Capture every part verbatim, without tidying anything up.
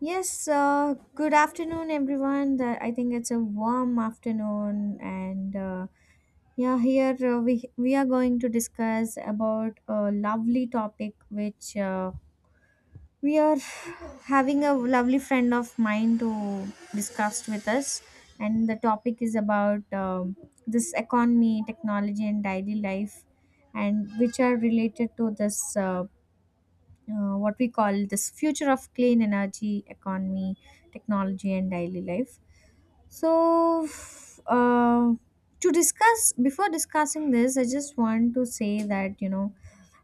Yes, uh, good afternoon, everyone. The- I think it's a warm afternoon, and uh, yeah, here uh, we we are going to discuss about a lovely topic which uh, we are having a lovely friend of mine to discuss with us, and the topic is about um, this economy, technology, and daily life, and which are related to this. Uh, uh, what we call this future of clean energy economy technology and daily life. So uh, to discuss before discussing this I just want to say that you know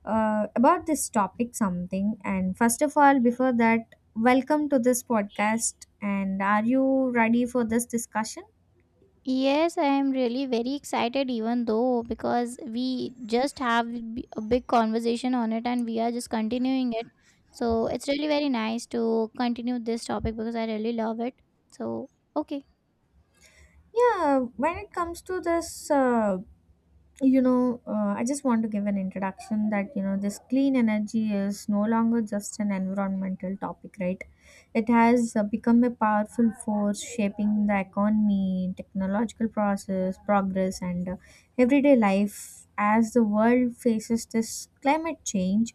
uh, about this topic something. And first of all, before that, welcome to this podcast, and are you ready for this discussion? Yes, I am really very excited, even though because we just have b- a big conversation on it, and we are just continuing it. So it's really very nice to continue this topic because I really love it. So, okay. Yeah, when it comes to this, uh, you know uh, I just want to give an introduction that you know this clean energy is no longer just an environmental topic, right? It has uh, become a powerful force shaping the economy, technological process, progress, and uh, everyday life. As the world faces this climate change,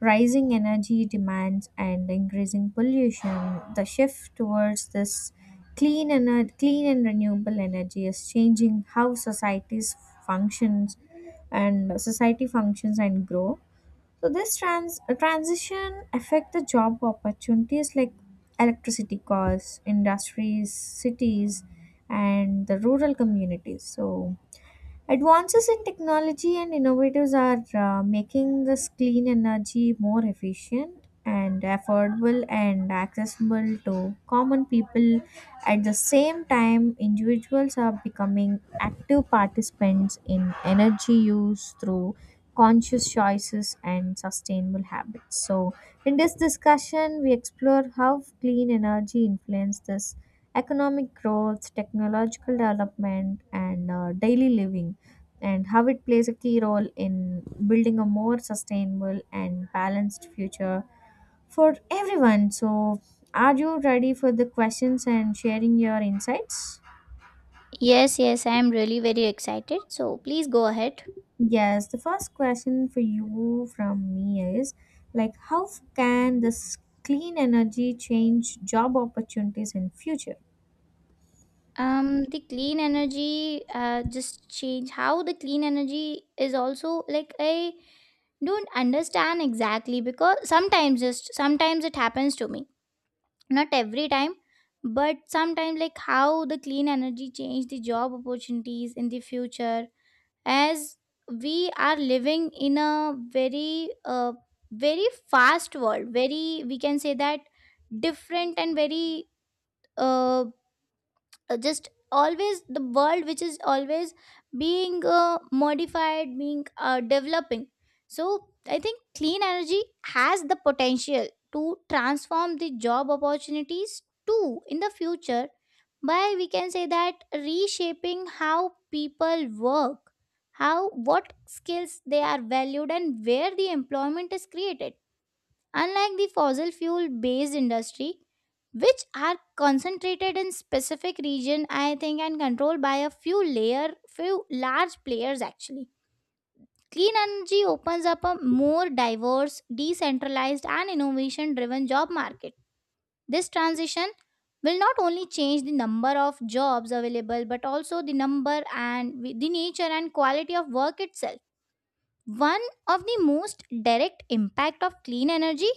rising energy demands, and increasing pollution, the shift towards this clean and clean and renewable energy is changing how societies functions and uh, society functions and grow. So this trans- uh, transition affect the job opportunities like electricity costs, industries, cities, and the rural communities. So advances in technology and innovatives are uh, making this clean energy more efficient and affordable and accessible to common people. At the same time, individuals are becoming active participants in energy use through conscious choices and sustainable habits. So, in this discussion, we explore how clean energy influences economic growth, technological development, and uh, daily living, and how it plays a key role in building a more sustainable and balanced future for everyone. So, are you ready for the questions and sharing your insights? Yes, yes, I am really very excited. So please go ahead. Yes, the first question for you from me is like how can this clean energy change job opportunities in future? Um, the clean energy, uh, just change how the clean energy is also, like, I don't understand exactly, because sometimes, just sometimes, it happens to me, not every time but sometimes. Like, how the clean energy change the job opportunities in the future. As we are living in a very uh, very fast world, very, we can say that, different, and very uh, uh, just always, the world which is always being uh, modified, being uh, developing. So I think clean energy has the potential to transform the job opportunities too in the future by, we can say that, reshaping how people work, how, what skills they are valued, and where the employment is created. Unlike the fossil fuel based industry, which are concentrated in specific region I think, and controlled by a few layer few large players, actually, clean energy opens up a more diverse, decentralized, and innovation driven job market. This transition will not only change the number of jobs available but also the number and the nature and quality of work itself. One of the most direct impact of clean energy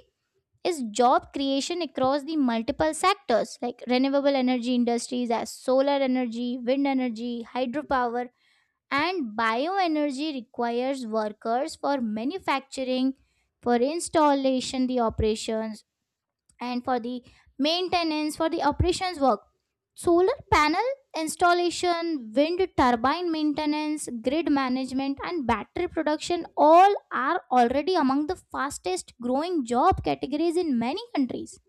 is job creation across the multiple sectors, like renewable energy industries, as solar energy, wind energy, hydropower, and bioenergy requires workers for manufacturing, for installation, the operations, and for the maintenance. For the operations work, solar panel installation, wind turbine maintenance, grid management, and battery production all are already among the fastest growing job categories in many countries.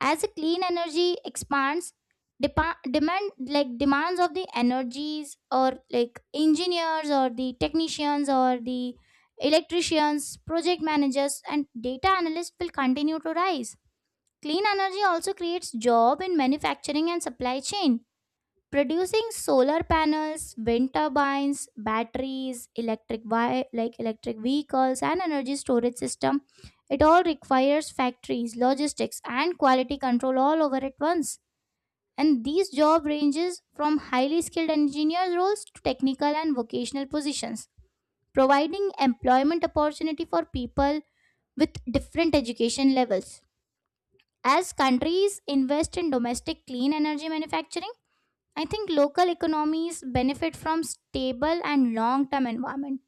As a clean energy expands, depa- demand, like demands of the energies, or, like, engineers or the technicians or the electricians, project managers, and data analysts will continue to rise. Clean energy also creates job in manufacturing and supply chain. Producing solar panels, wind turbines, batteries, electric vi- like electric vehicles, and energy storage system, it all requires factories, logistics, and quality control all over at once. And these job ranges from highly skilled engineers roles to technical and vocational positions, providing employment opportunity for people with different education levels. As countries invest in domestic clean energy manufacturing, I think local economies benefit from stable and long-term environment.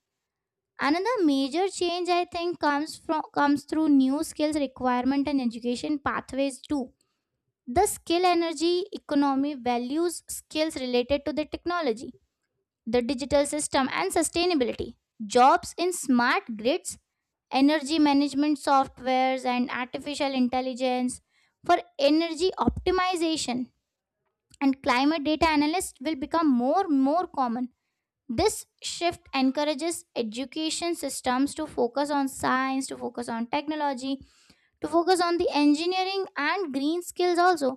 Another major change, I think, comes from comes through new skills requirement and education pathways too. The skill energy economy values skills related to the technology, the digital system, and sustainability. Jobs in smart grids, energy management softwares, and artificial intelligence for energy optimization, and climate data analysts will become more more common. This shift encourages education systems to focus on science, to focus on technology, to focus on the engineering and green skills also,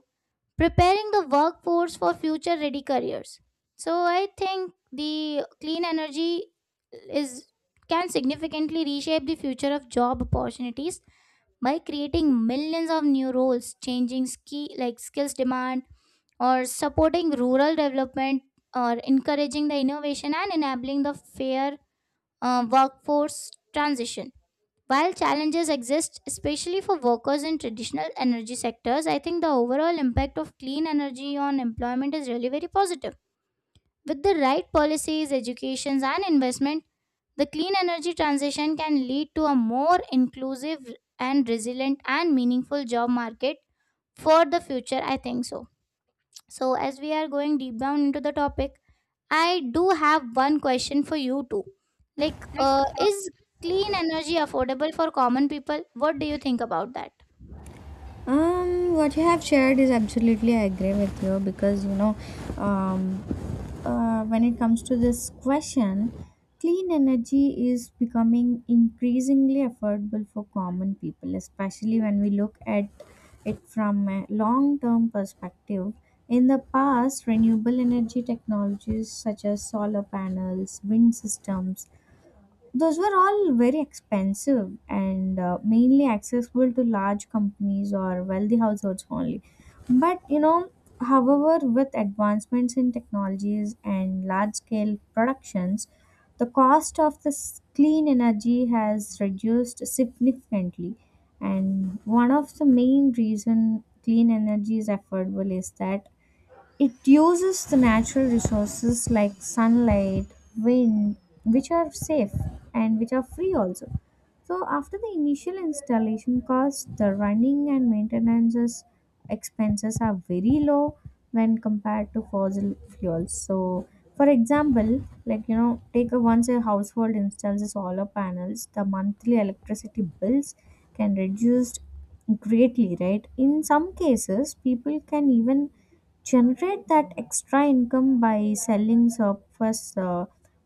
preparing the workforce for future ready careers. So I think the clean energy is, can significantly reshape the future of job opportunities by creating millions of new roles, changing ski like skills demand, or supporting rural development, or encouraging the innovation and enabling the fair uh, workforce transition. While challenges exist, especially for workers in traditional energy sectors, I think the overall impact of clean energy on employment is really very positive. With the right policies, educations, and investment, the clean energy transition can lead to a more inclusive and resilient and meaningful job market for the future. I think so. So, as we are going deep down into the topic, I do have one question for you too. Like, uh, is clean energy affordable for common people? What do you think about that? Um, what you have shared is absolutely, I agree with you, because you know, um, uh, when it comes to this question, clean energy is becoming increasingly affordable for common people, especially when we look at it from a long term perspective. In the past, renewable energy technologies such as solar panels, wind systems, those were all very expensive and uh, mainly accessible to large companies or wealthy households only. But you know, however, with advancements in technologies and large scale productions, the cost of this clean energy has reduced significantly. And one of the main reason clean energy is affordable is that it uses the natural resources like sunlight, wind, which are safe and which are free also. So after the initial installation costs, the running and maintenance expenses are very low when compared to fossil fuels. So for example, like you know, take a once a household installs the solar panels, the monthly electricity bills can reduced greatly, right? In some cases, people can even generate that extra income by selling surplus uh,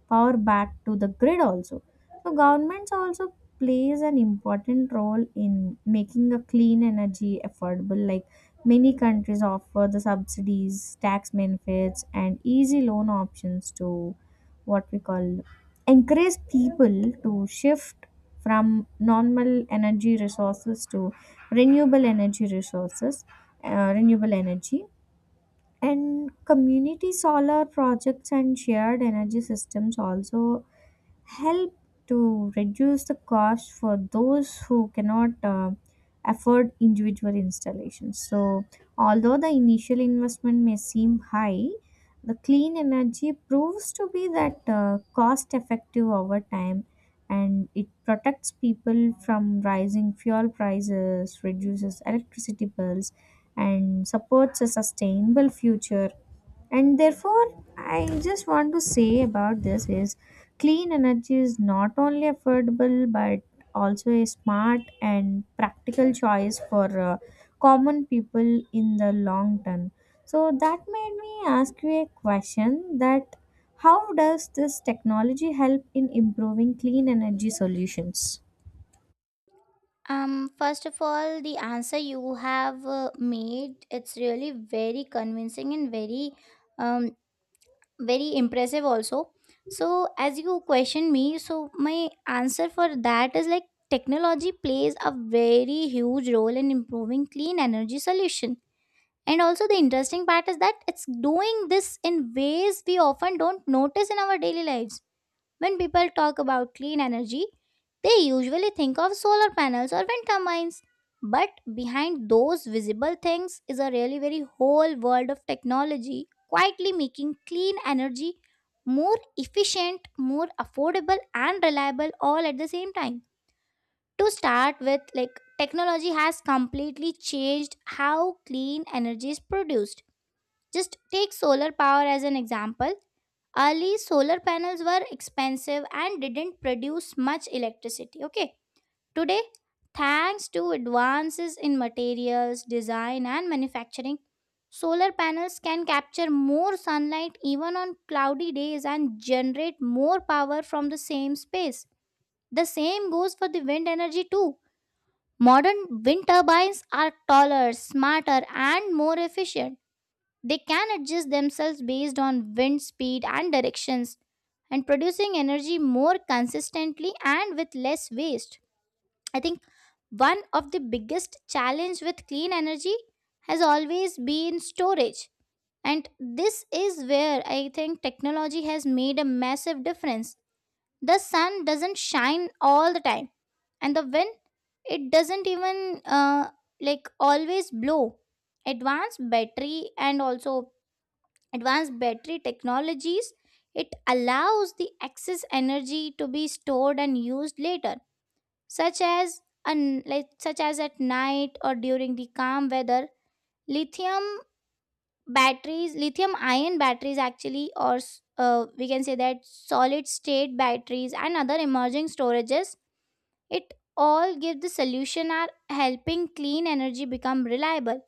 power back to the grid also. So governments also plays an important role in making a clean energy affordable. Like many countries offer the subsidies, tax benefits, and easy loan options to, what we call, encourage people to shift from normal energy resources to renewable energy resources, uh, renewable energy. And community solar projects and shared energy systems also help to reduce the cost for those who cannot uh, afford individual installations. So, although the initial investment may seem high, the clean energy proves to be that uh, cost effective over time, and it protects people from rising fuel prices, reduces electricity bills, and supports a sustainable future. And therefore, I just want to say about this is clean energy is not only affordable but also a smart and practical choice for uh, common people in the long term. So that made me ask you a question that how does this technology help in improving clean energy solutions? Um, first of all, the answer you have uh, made, it's really very convincing and very, um, very impressive also. So as you question me, so my answer for that is like, technology plays a very huge role in improving clean energy solution. And also the interesting part is that it's doing this in ways we often don't notice in our daily lives. When people talk about clean energy, they usually think of solar panels or wind turbines, but behind those visible things is a really very whole world of technology quietly making clean energy more efficient, more affordable, and reliable all at the same time. To start with, like, technology has completely changed how clean energy is produced. Just take solar power as an example. Early solar panels were expensive and didn't produce much electricity. Okay, today, thanks to advances in materials, design, and manufacturing, solar panels can capture more sunlight even on cloudy days and generate more power from the same space. The same goes for the wind energy too. Modern wind turbines are taller, smarter, and more efficient. They can adjust themselves based on wind speed and directions, and producing energy more consistently and with less waste. I think one of the biggest challenge with clean energy has always been storage, and this is where I think technology has made a massive difference. The sun doesn't shine all the time, and the wind, it doesn't even uh, like always blow. Advanced battery and also advanced battery technologies, it allows the excess energy to be stored and used later, such as an, like such as at night or during the calm weather. lithium batteries lithium ion batteries, actually, or s- uh, we can say that solid state batteries and other emerging storages, it all give the solution, are helping clean energy become reliable,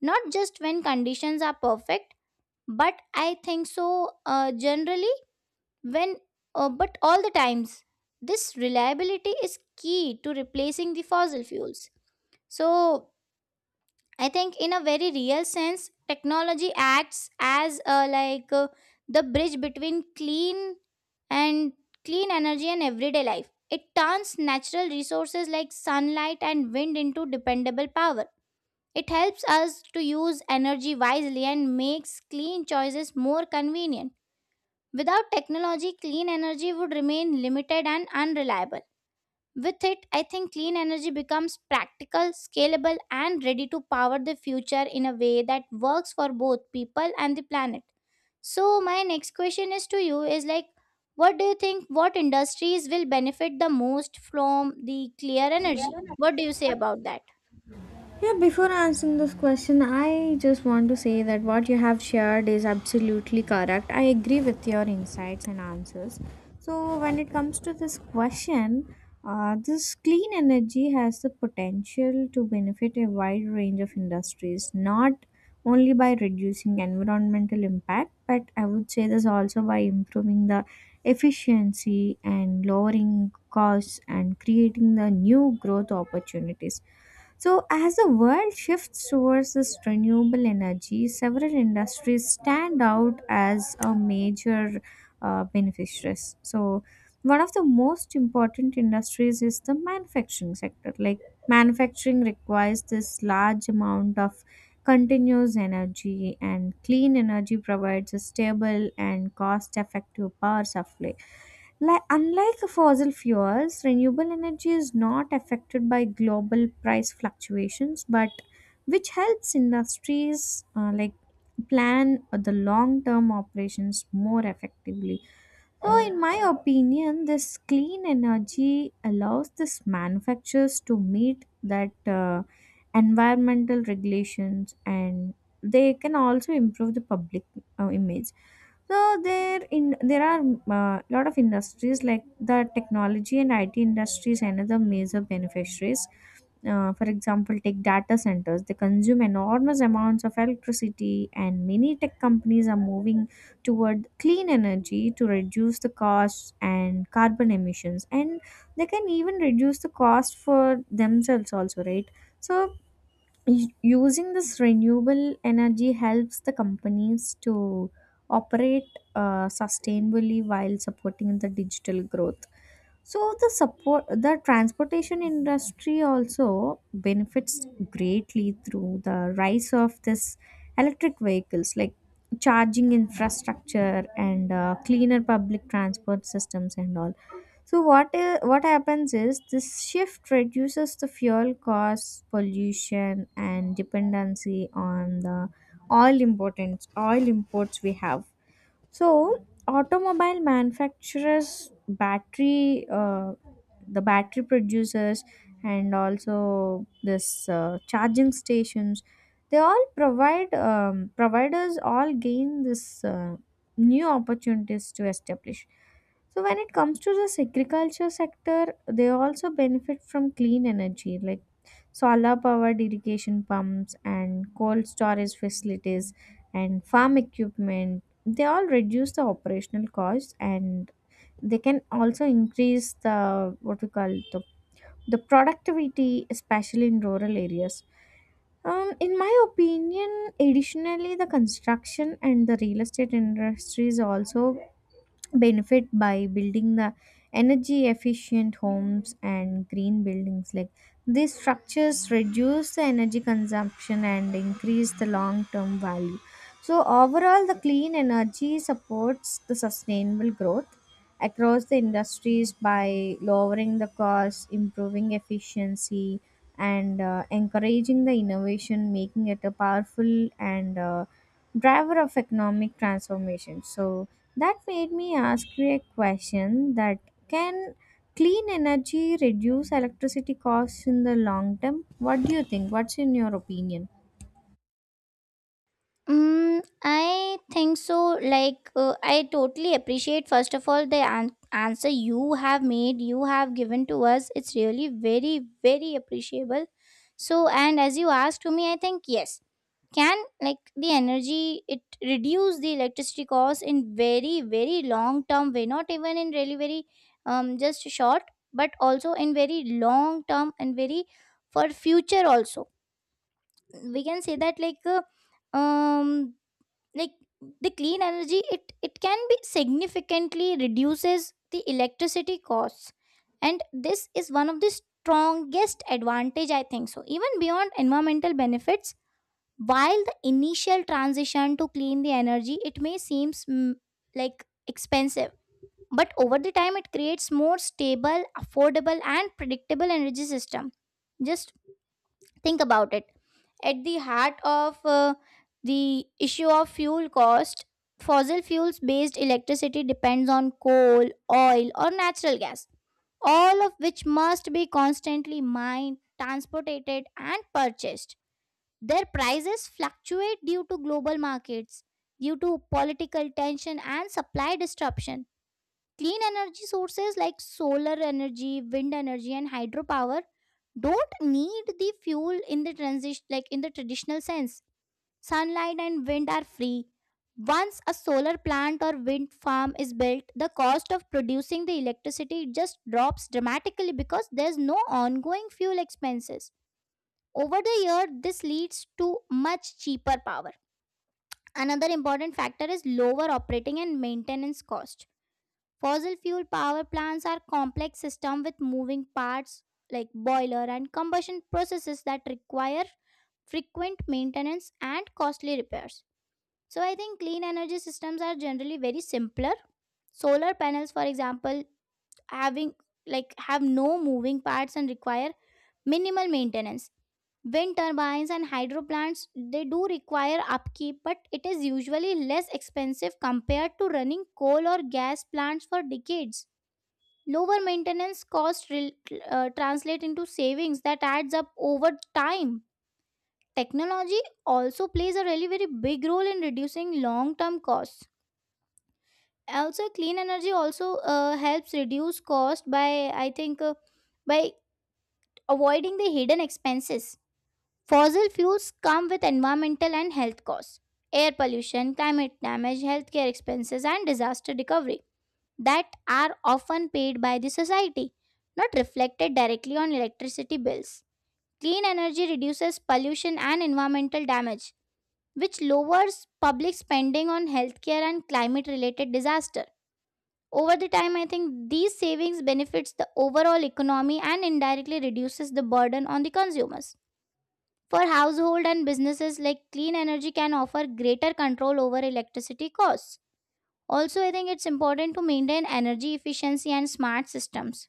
not just when conditions are perfect, but, I think so, uh, generally, when uh, but all the times. This reliability is key to replacing the fossil fuels. So I think, in a very real sense, technology acts as uh, like uh, the bridge between clean and clean energy and everyday life. It turns natural resources like sunlight and wind into dependable power. It helps us to use energy wisely and makes clean choices more convenient. Without technology, clean energy would remain limited and unreliable. With it, I think clean energy becomes practical, scalable, and ready to power the future in a way that works for both people and the planet. So, my next question is to you is, like, what do you think, what industries will benefit the most from the clear energy? What do you say about that? Yeah, before answering this question, I just want to say that what you have shared is absolutely correct. I agree with your insights and answers. So, when it comes to this question, uh, this clean energy has the potential to benefit a wide range of industries, not only by reducing environmental impact, but I would say this also by improving the efficiency and lowering costs and creating the new growth opportunities. So, as the world shifts towards this renewable energy, several industries stand out as a major uh, beneficiaries. So, one of the most important industries is the manufacturing sector. Like, manufacturing requires this large amount of continuous energy, and clean energy provides a stable and cost effective power supply. Like, unlike fossil fuels, renewable energy is not affected by global price fluctuations, but which helps industries uh, like plan the long-term operations more effectively. So, in my opinion, this clean energy allows this manufacturers to meet that uh, environmental regulations, and they can also improve the public uh, image. So there in there are a lot of industries like the technology and I T industries and other major beneficiaries. Uh, for example, take data centers. They consume enormous amounts of electricity, and many tech companies are moving toward clean energy to reduce the costs and carbon emissions. And they can even reduce the cost for themselves also, right? So Y- using this renewable energy helps the companies to operate uh, sustainably while supporting the digital growth. So the support the transportation industry also benefits greatly through the rise of this electric vehicles, like charging infrastructure and uh, cleaner public transport systems and all. So what i- what happens is this shift reduces the fuel costs, pollution, and dependency on the oil importance oil imports we have. So, automobile manufacturers, battery, uh, the battery producers, and also this uh, charging stations, they all provide um, providers all gain this uh, new opportunities to establish. So, when it comes to this agriculture sector, they also benefit from clean energy, like solar powered irrigation pumps and cold storage facilities and farm equipment. They all reduce the operational costs, and they can also increase the, what we call, the, the productivity especially in rural areas. Um, in my opinion, additionally the construction and the real estate industries also benefit by building the energy efficient homes and green buildings. Like these structures reduce the energy consumption and increase the long term value. So overall the clean energy supports the sustainable growth across the industries by lowering the cost, improving efficiency, and uh, encouraging the innovation, making it a powerful and uh, driver of economic transformation. So that made me ask you a question that can clean energy reduce electricity costs in the long term? What do you think? What's in your opinion? Mm, I think so. Like, uh, I totally appreciate, first of all, the an- answer you have made, you have given to us. It's really very, very appreciable. So, and as you asked to me, I think, yes, can, like, the energy, it reduce the electricity cost in very, very long term way, not even in really very, um, just short, but also in very long term, and very, for future also. We can say that like, uh, um like the clean energy, it it can be significantly reduces the electricity costs, and this is one of the strongest advantage, I think so, even beyond environmental benefits. While the initial transition to clean the energy, it may seems, mm, like, expensive, but over the time it creates more stable, affordable, and predictable energy system. Just think about it. At the heart of uh, the issue of fuel cost, fossil fuels based electricity depends on coal, oil, or natural gas, all of which must be constantly mined, transported, and purchased. Their prices fluctuate due to global markets, due to political tension, and supply disruption. Clean energy sources like solar energy, wind energy, and hydropower don't need the fuel in the transition, like in the traditional sense. Sunlight and wind are free. Once a solar plant or wind farm is built, the cost of producing the electricity just drops dramatically because there's no ongoing fuel expenses. Over the year, this leads to much cheaper power. Another important factor is lower operating and maintenance cost. Fossil fuel power plants are complex systems with moving parts, like boiler and combustion processes, that require frequent maintenance and costly repairs. So I think clean energy systems are generally very simpler. Solar panels, for example, having like have no moving parts and require minimal maintenance. Wind turbines and hydro plants, they do require upkeep, but it is usually less expensive compared to running coal or gas plants for decades. Lower maintenance costs rel- uh, translate into savings that adds up over time. Technology also plays a really very big role in reducing long term costs. Also clean energy also uh, helps reduce cost by, I think, uh, by avoiding the hidden expenses. Fossil fuels come with environmental and health costs, air pollution, climate damage, healthcare expenses, and disaster recovery, that are often paid by the society, not reflected directly on electricity bills. Clean energy reduces pollution and environmental damage, which lowers public spending on healthcare and climate related disaster. Over the time, I think these savings benefits the overall economy and indirectly reduces the burden on the consumers. For household and businesses, like, clean energy can offer greater control over electricity costs. Also, I think it's important to maintain energy efficiency and smart systems.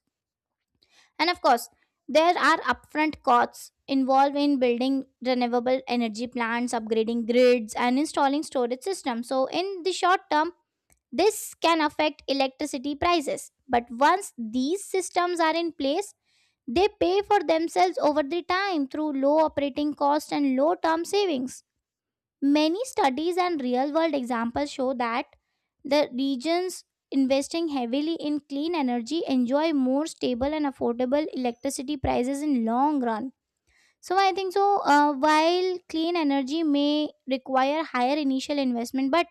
And of course, there are upfront costs involved in building renewable energy plants, upgrading grids, and installing storage systems. So, in the short term, this can affect electricity prices, but once these systems are in place, they pay for themselves over the time through low operating cost and low term savings. Many studies and real world examples show that the regions investing heavily in clean energy enjoy more stable and affordable electricity prices in long run, so I think so. Uh, while clean energy may require higher initial investment, but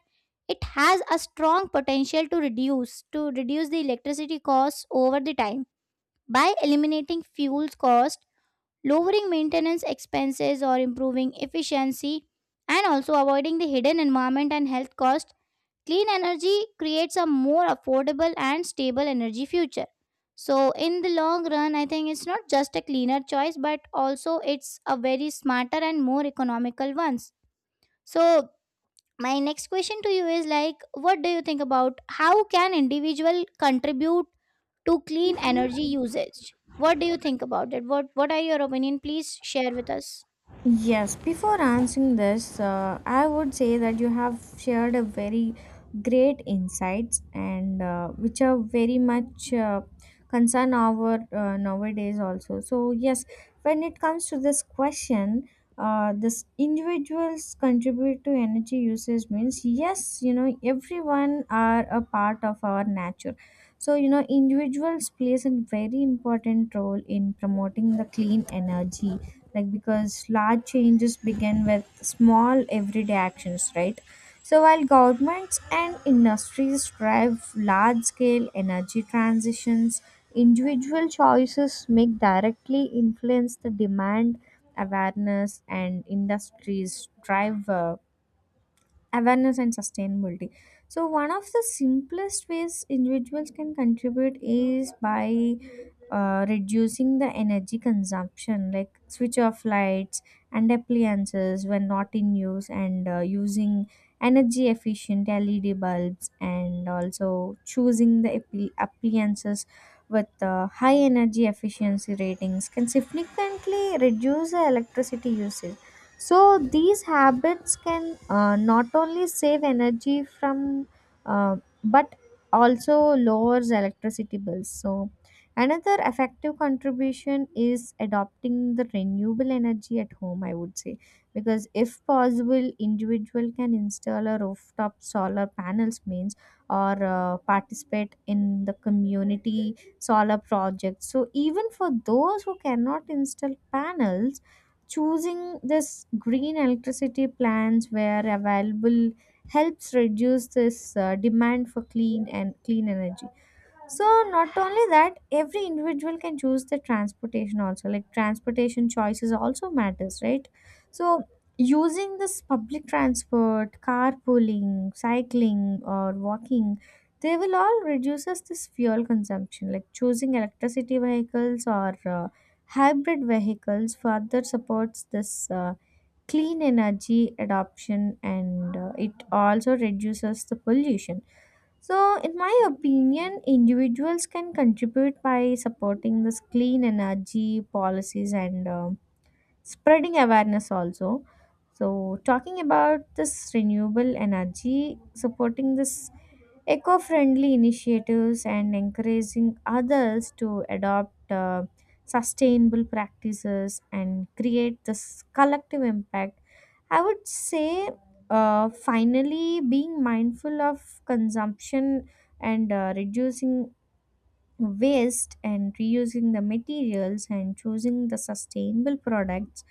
it has a strong potential to reduce to reduce the electricity costs over the time by eliminating fuels cost, lowering maintenance expenses, or improving efficiency, and also avoiding the hidden environment and health cost. Clean energy creates a more affordable and stable energy future. So, in the long run, I think it's not just a cleaner choice, but also it's a very smarter and more economical ones. So, my next question to you is like, what do you think about how can individual contribute to clean energy usage? What do you think about it? What What are your opinion? Please share with us. Yes, before answering this, uh, I would say that you have shared a very great insights and uh, which are very much uh, concern our uh, nowadays also. So yes, when it comes to this question, uh, this individuals contribute to energy usage means yes, you know everyone are a part of our nature. So you know individuals plays a very important role in promoting the clean energy, like because large changes begin with small everyday actions, right? So while governments and industries drive large scale energy transitions, individual choices make directly influence the demand, awareness, and industries drive uh, awareness and sustainability. So one of the simplest ways individuals can contribute is by uh, reducing the energy consumption, like switch off lights and appliances when not in use, and uh, using energy efficient led bulbs, and also choosing the appli- appliances with uh, high energy efficiency ratings can significantly reduce the electricity usage. So these habits can uh, not only save energy from, uh, but also lowers electricity bills. So another effective contribution is adopting the renewable energy at home. I would say, because if possible, individual can install a rooftop solar panels means, or uh, participate in the community solar project. So even for those who cannot install panels, choosing this green electricity plans where available helps reduce this uh, demand for clean and clean energy. So not only that, every individual can choose the transportation also. Like transportation choices also matters, right? So using this public transport, carpooling, cycling or walking, they will all reduces this fuel consumption. Like choosing electricity vehicles or uh, hybrid vehicles further supports this uh, clean energy adoption, and uh, it also reduces the pollution. So, in my opinion, individuals can contribute by supporting this clean energy policies and uh, spreading awareness also. So, talking about this renewable energy, supporting this eco friendly initiatives and encouraging others to adopt uh, sustainable practices and create this collective impact. I would say, uh, finally, being mindful of consumption and uh, reducing waste and reusing the materials and choosing the sustainable products,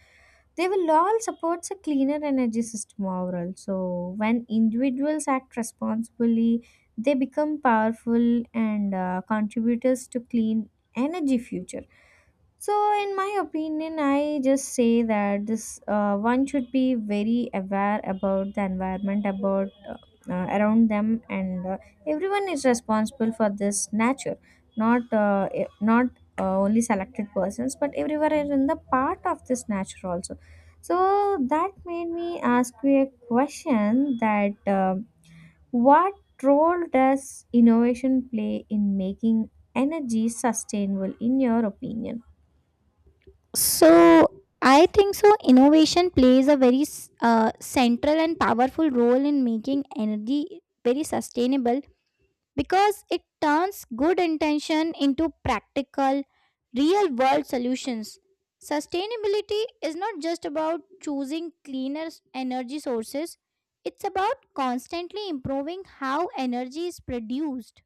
they will all support a cleaner energy system overall. So when individuals act responsibly, they become powerful and uh, contributors to clean energy future. So, in my opinion, I just say that this uh, one should be very aware about the environment, about uh, uh, around them, and uh, everyone is responsible for this nature, not uh, e- not uh, only selected persons, but everyone is in the part of this nature also. So that made me ask you a question: that uh, what role does innovation play in making energy sustainable, in your opinion? So I think so. Innovation plays a very s- uh, central and powerful role in making energy very sustainable because it turns good intention into practical, real world solutions. Sustainability is not just about choosing cleaner s- energy sources, it's about constantly improving how energy is produced,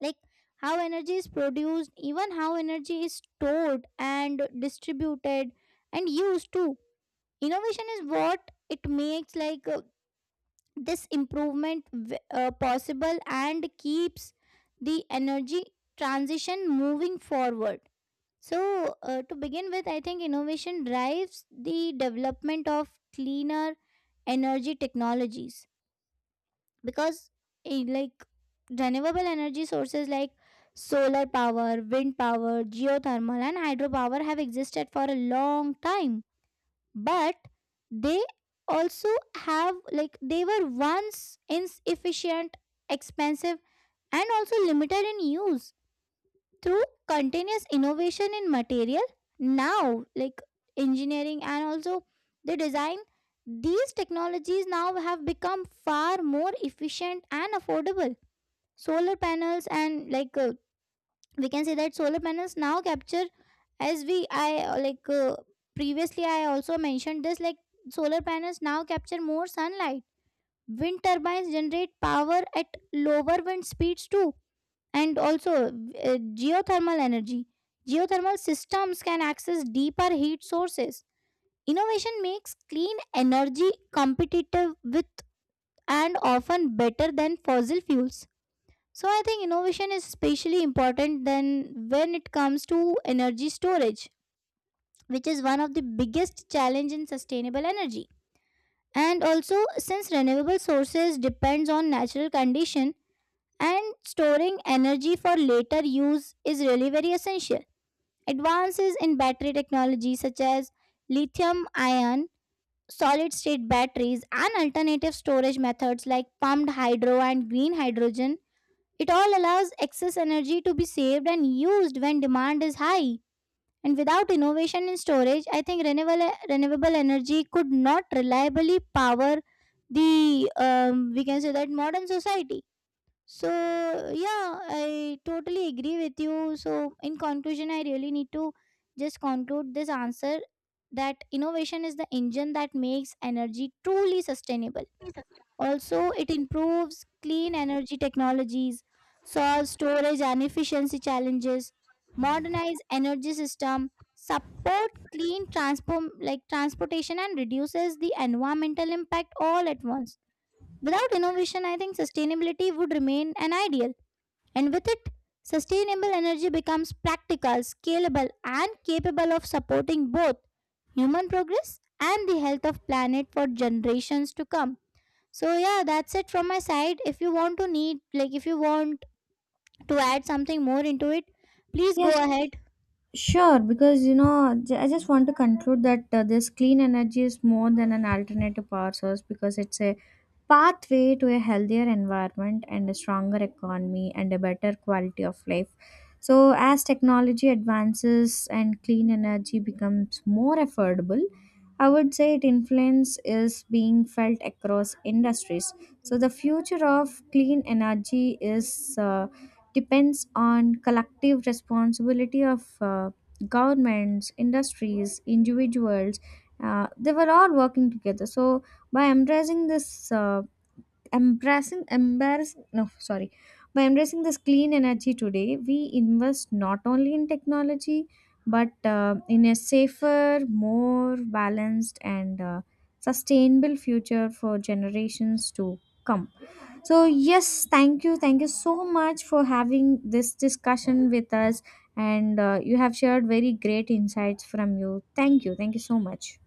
like how energy is produced, even how energy is stored and distributed and used too. Innovation is what it makes like uh, this improvement v- uh, possible and keeps the energy transition moving forward. So, uh, to begin with, I think innovation drives the development of cleaner energy technologies because, eh, like, renewable energy sources like solar power, wind power, geothermal and hydropower have existed for a long time, but they also have like they were once inefficient, expensive and also limited in use. Through continuous innovation in material, now like engineering and also the design, these technologies now have become far more efficient and affordable. Solar panels and like uh, we can say that solar panels now capture, as we I uh, like uh, previously I also mentioned this, like, solar panels now capture more sunlight. Wind turbines generate power at lower wind speeds too, and also uh, geothermal energy, geothermal systems can access deeper heat sources. Innovation makes clean energy competitive with and often better than fossil fuels. So I think innovation is especially important than when it comes to energy storage, which is one of the biggest challenge in sustainable energy. And also, since renewable sources depends on natural condition, and storing energy for later use is really very essential. Advances in battery technology such as lithium ion, solid state batteries, and alternative storage methods like pumped hydro and green hydrogen, it all allows excess energy to be saved and used when demand is high. And without innovation in storage, I think renewable, renewable energy could not reliably power the, um, we can say that, modern society. So, yeah, I totally agree with you. So, in conclusion, I really need to just conclude this answer that innovation is the engine that makes energy truly sustainable. Also, it improves clean energy technologies, solves storage and efficiency challenges, modernize energy system, support clean transform like transportation and reduces the environmental impact all at once. Without innovation, I think sustainability would remain an ideal, and with it, sustainable energy becomes practical, scalable, and capable of supporting both human progress and the health of planet for generations to come. So yeah, that's it from my side. If you want to need like if you want to add something more into it, please Yes, go ahead. sure. Because you know, j- I just want to conclude that uh, this clean energy is more than an alternative power source because it's a pathway to a healthier environment and a stronger economy and a better quality of life. So, as technology advances and clean energy becomes more affordable, I would say its influence is being felt across industries. So, the future of clean energy is. Uh, depends on collective responsibility of uh, governments, industries, individuals, uh, they were all working together. So by embracing this uh, embracing embarrassing no sorry by embracing this clean energy today, we invest not only in technology, but uh, in a safer, more balanced, and uh, sustainable future for generations to come. So, yes, thank you. Thank you so much for having this discussion with us. And uh, you have shared very great insights from you. Thank you. Thank you so much.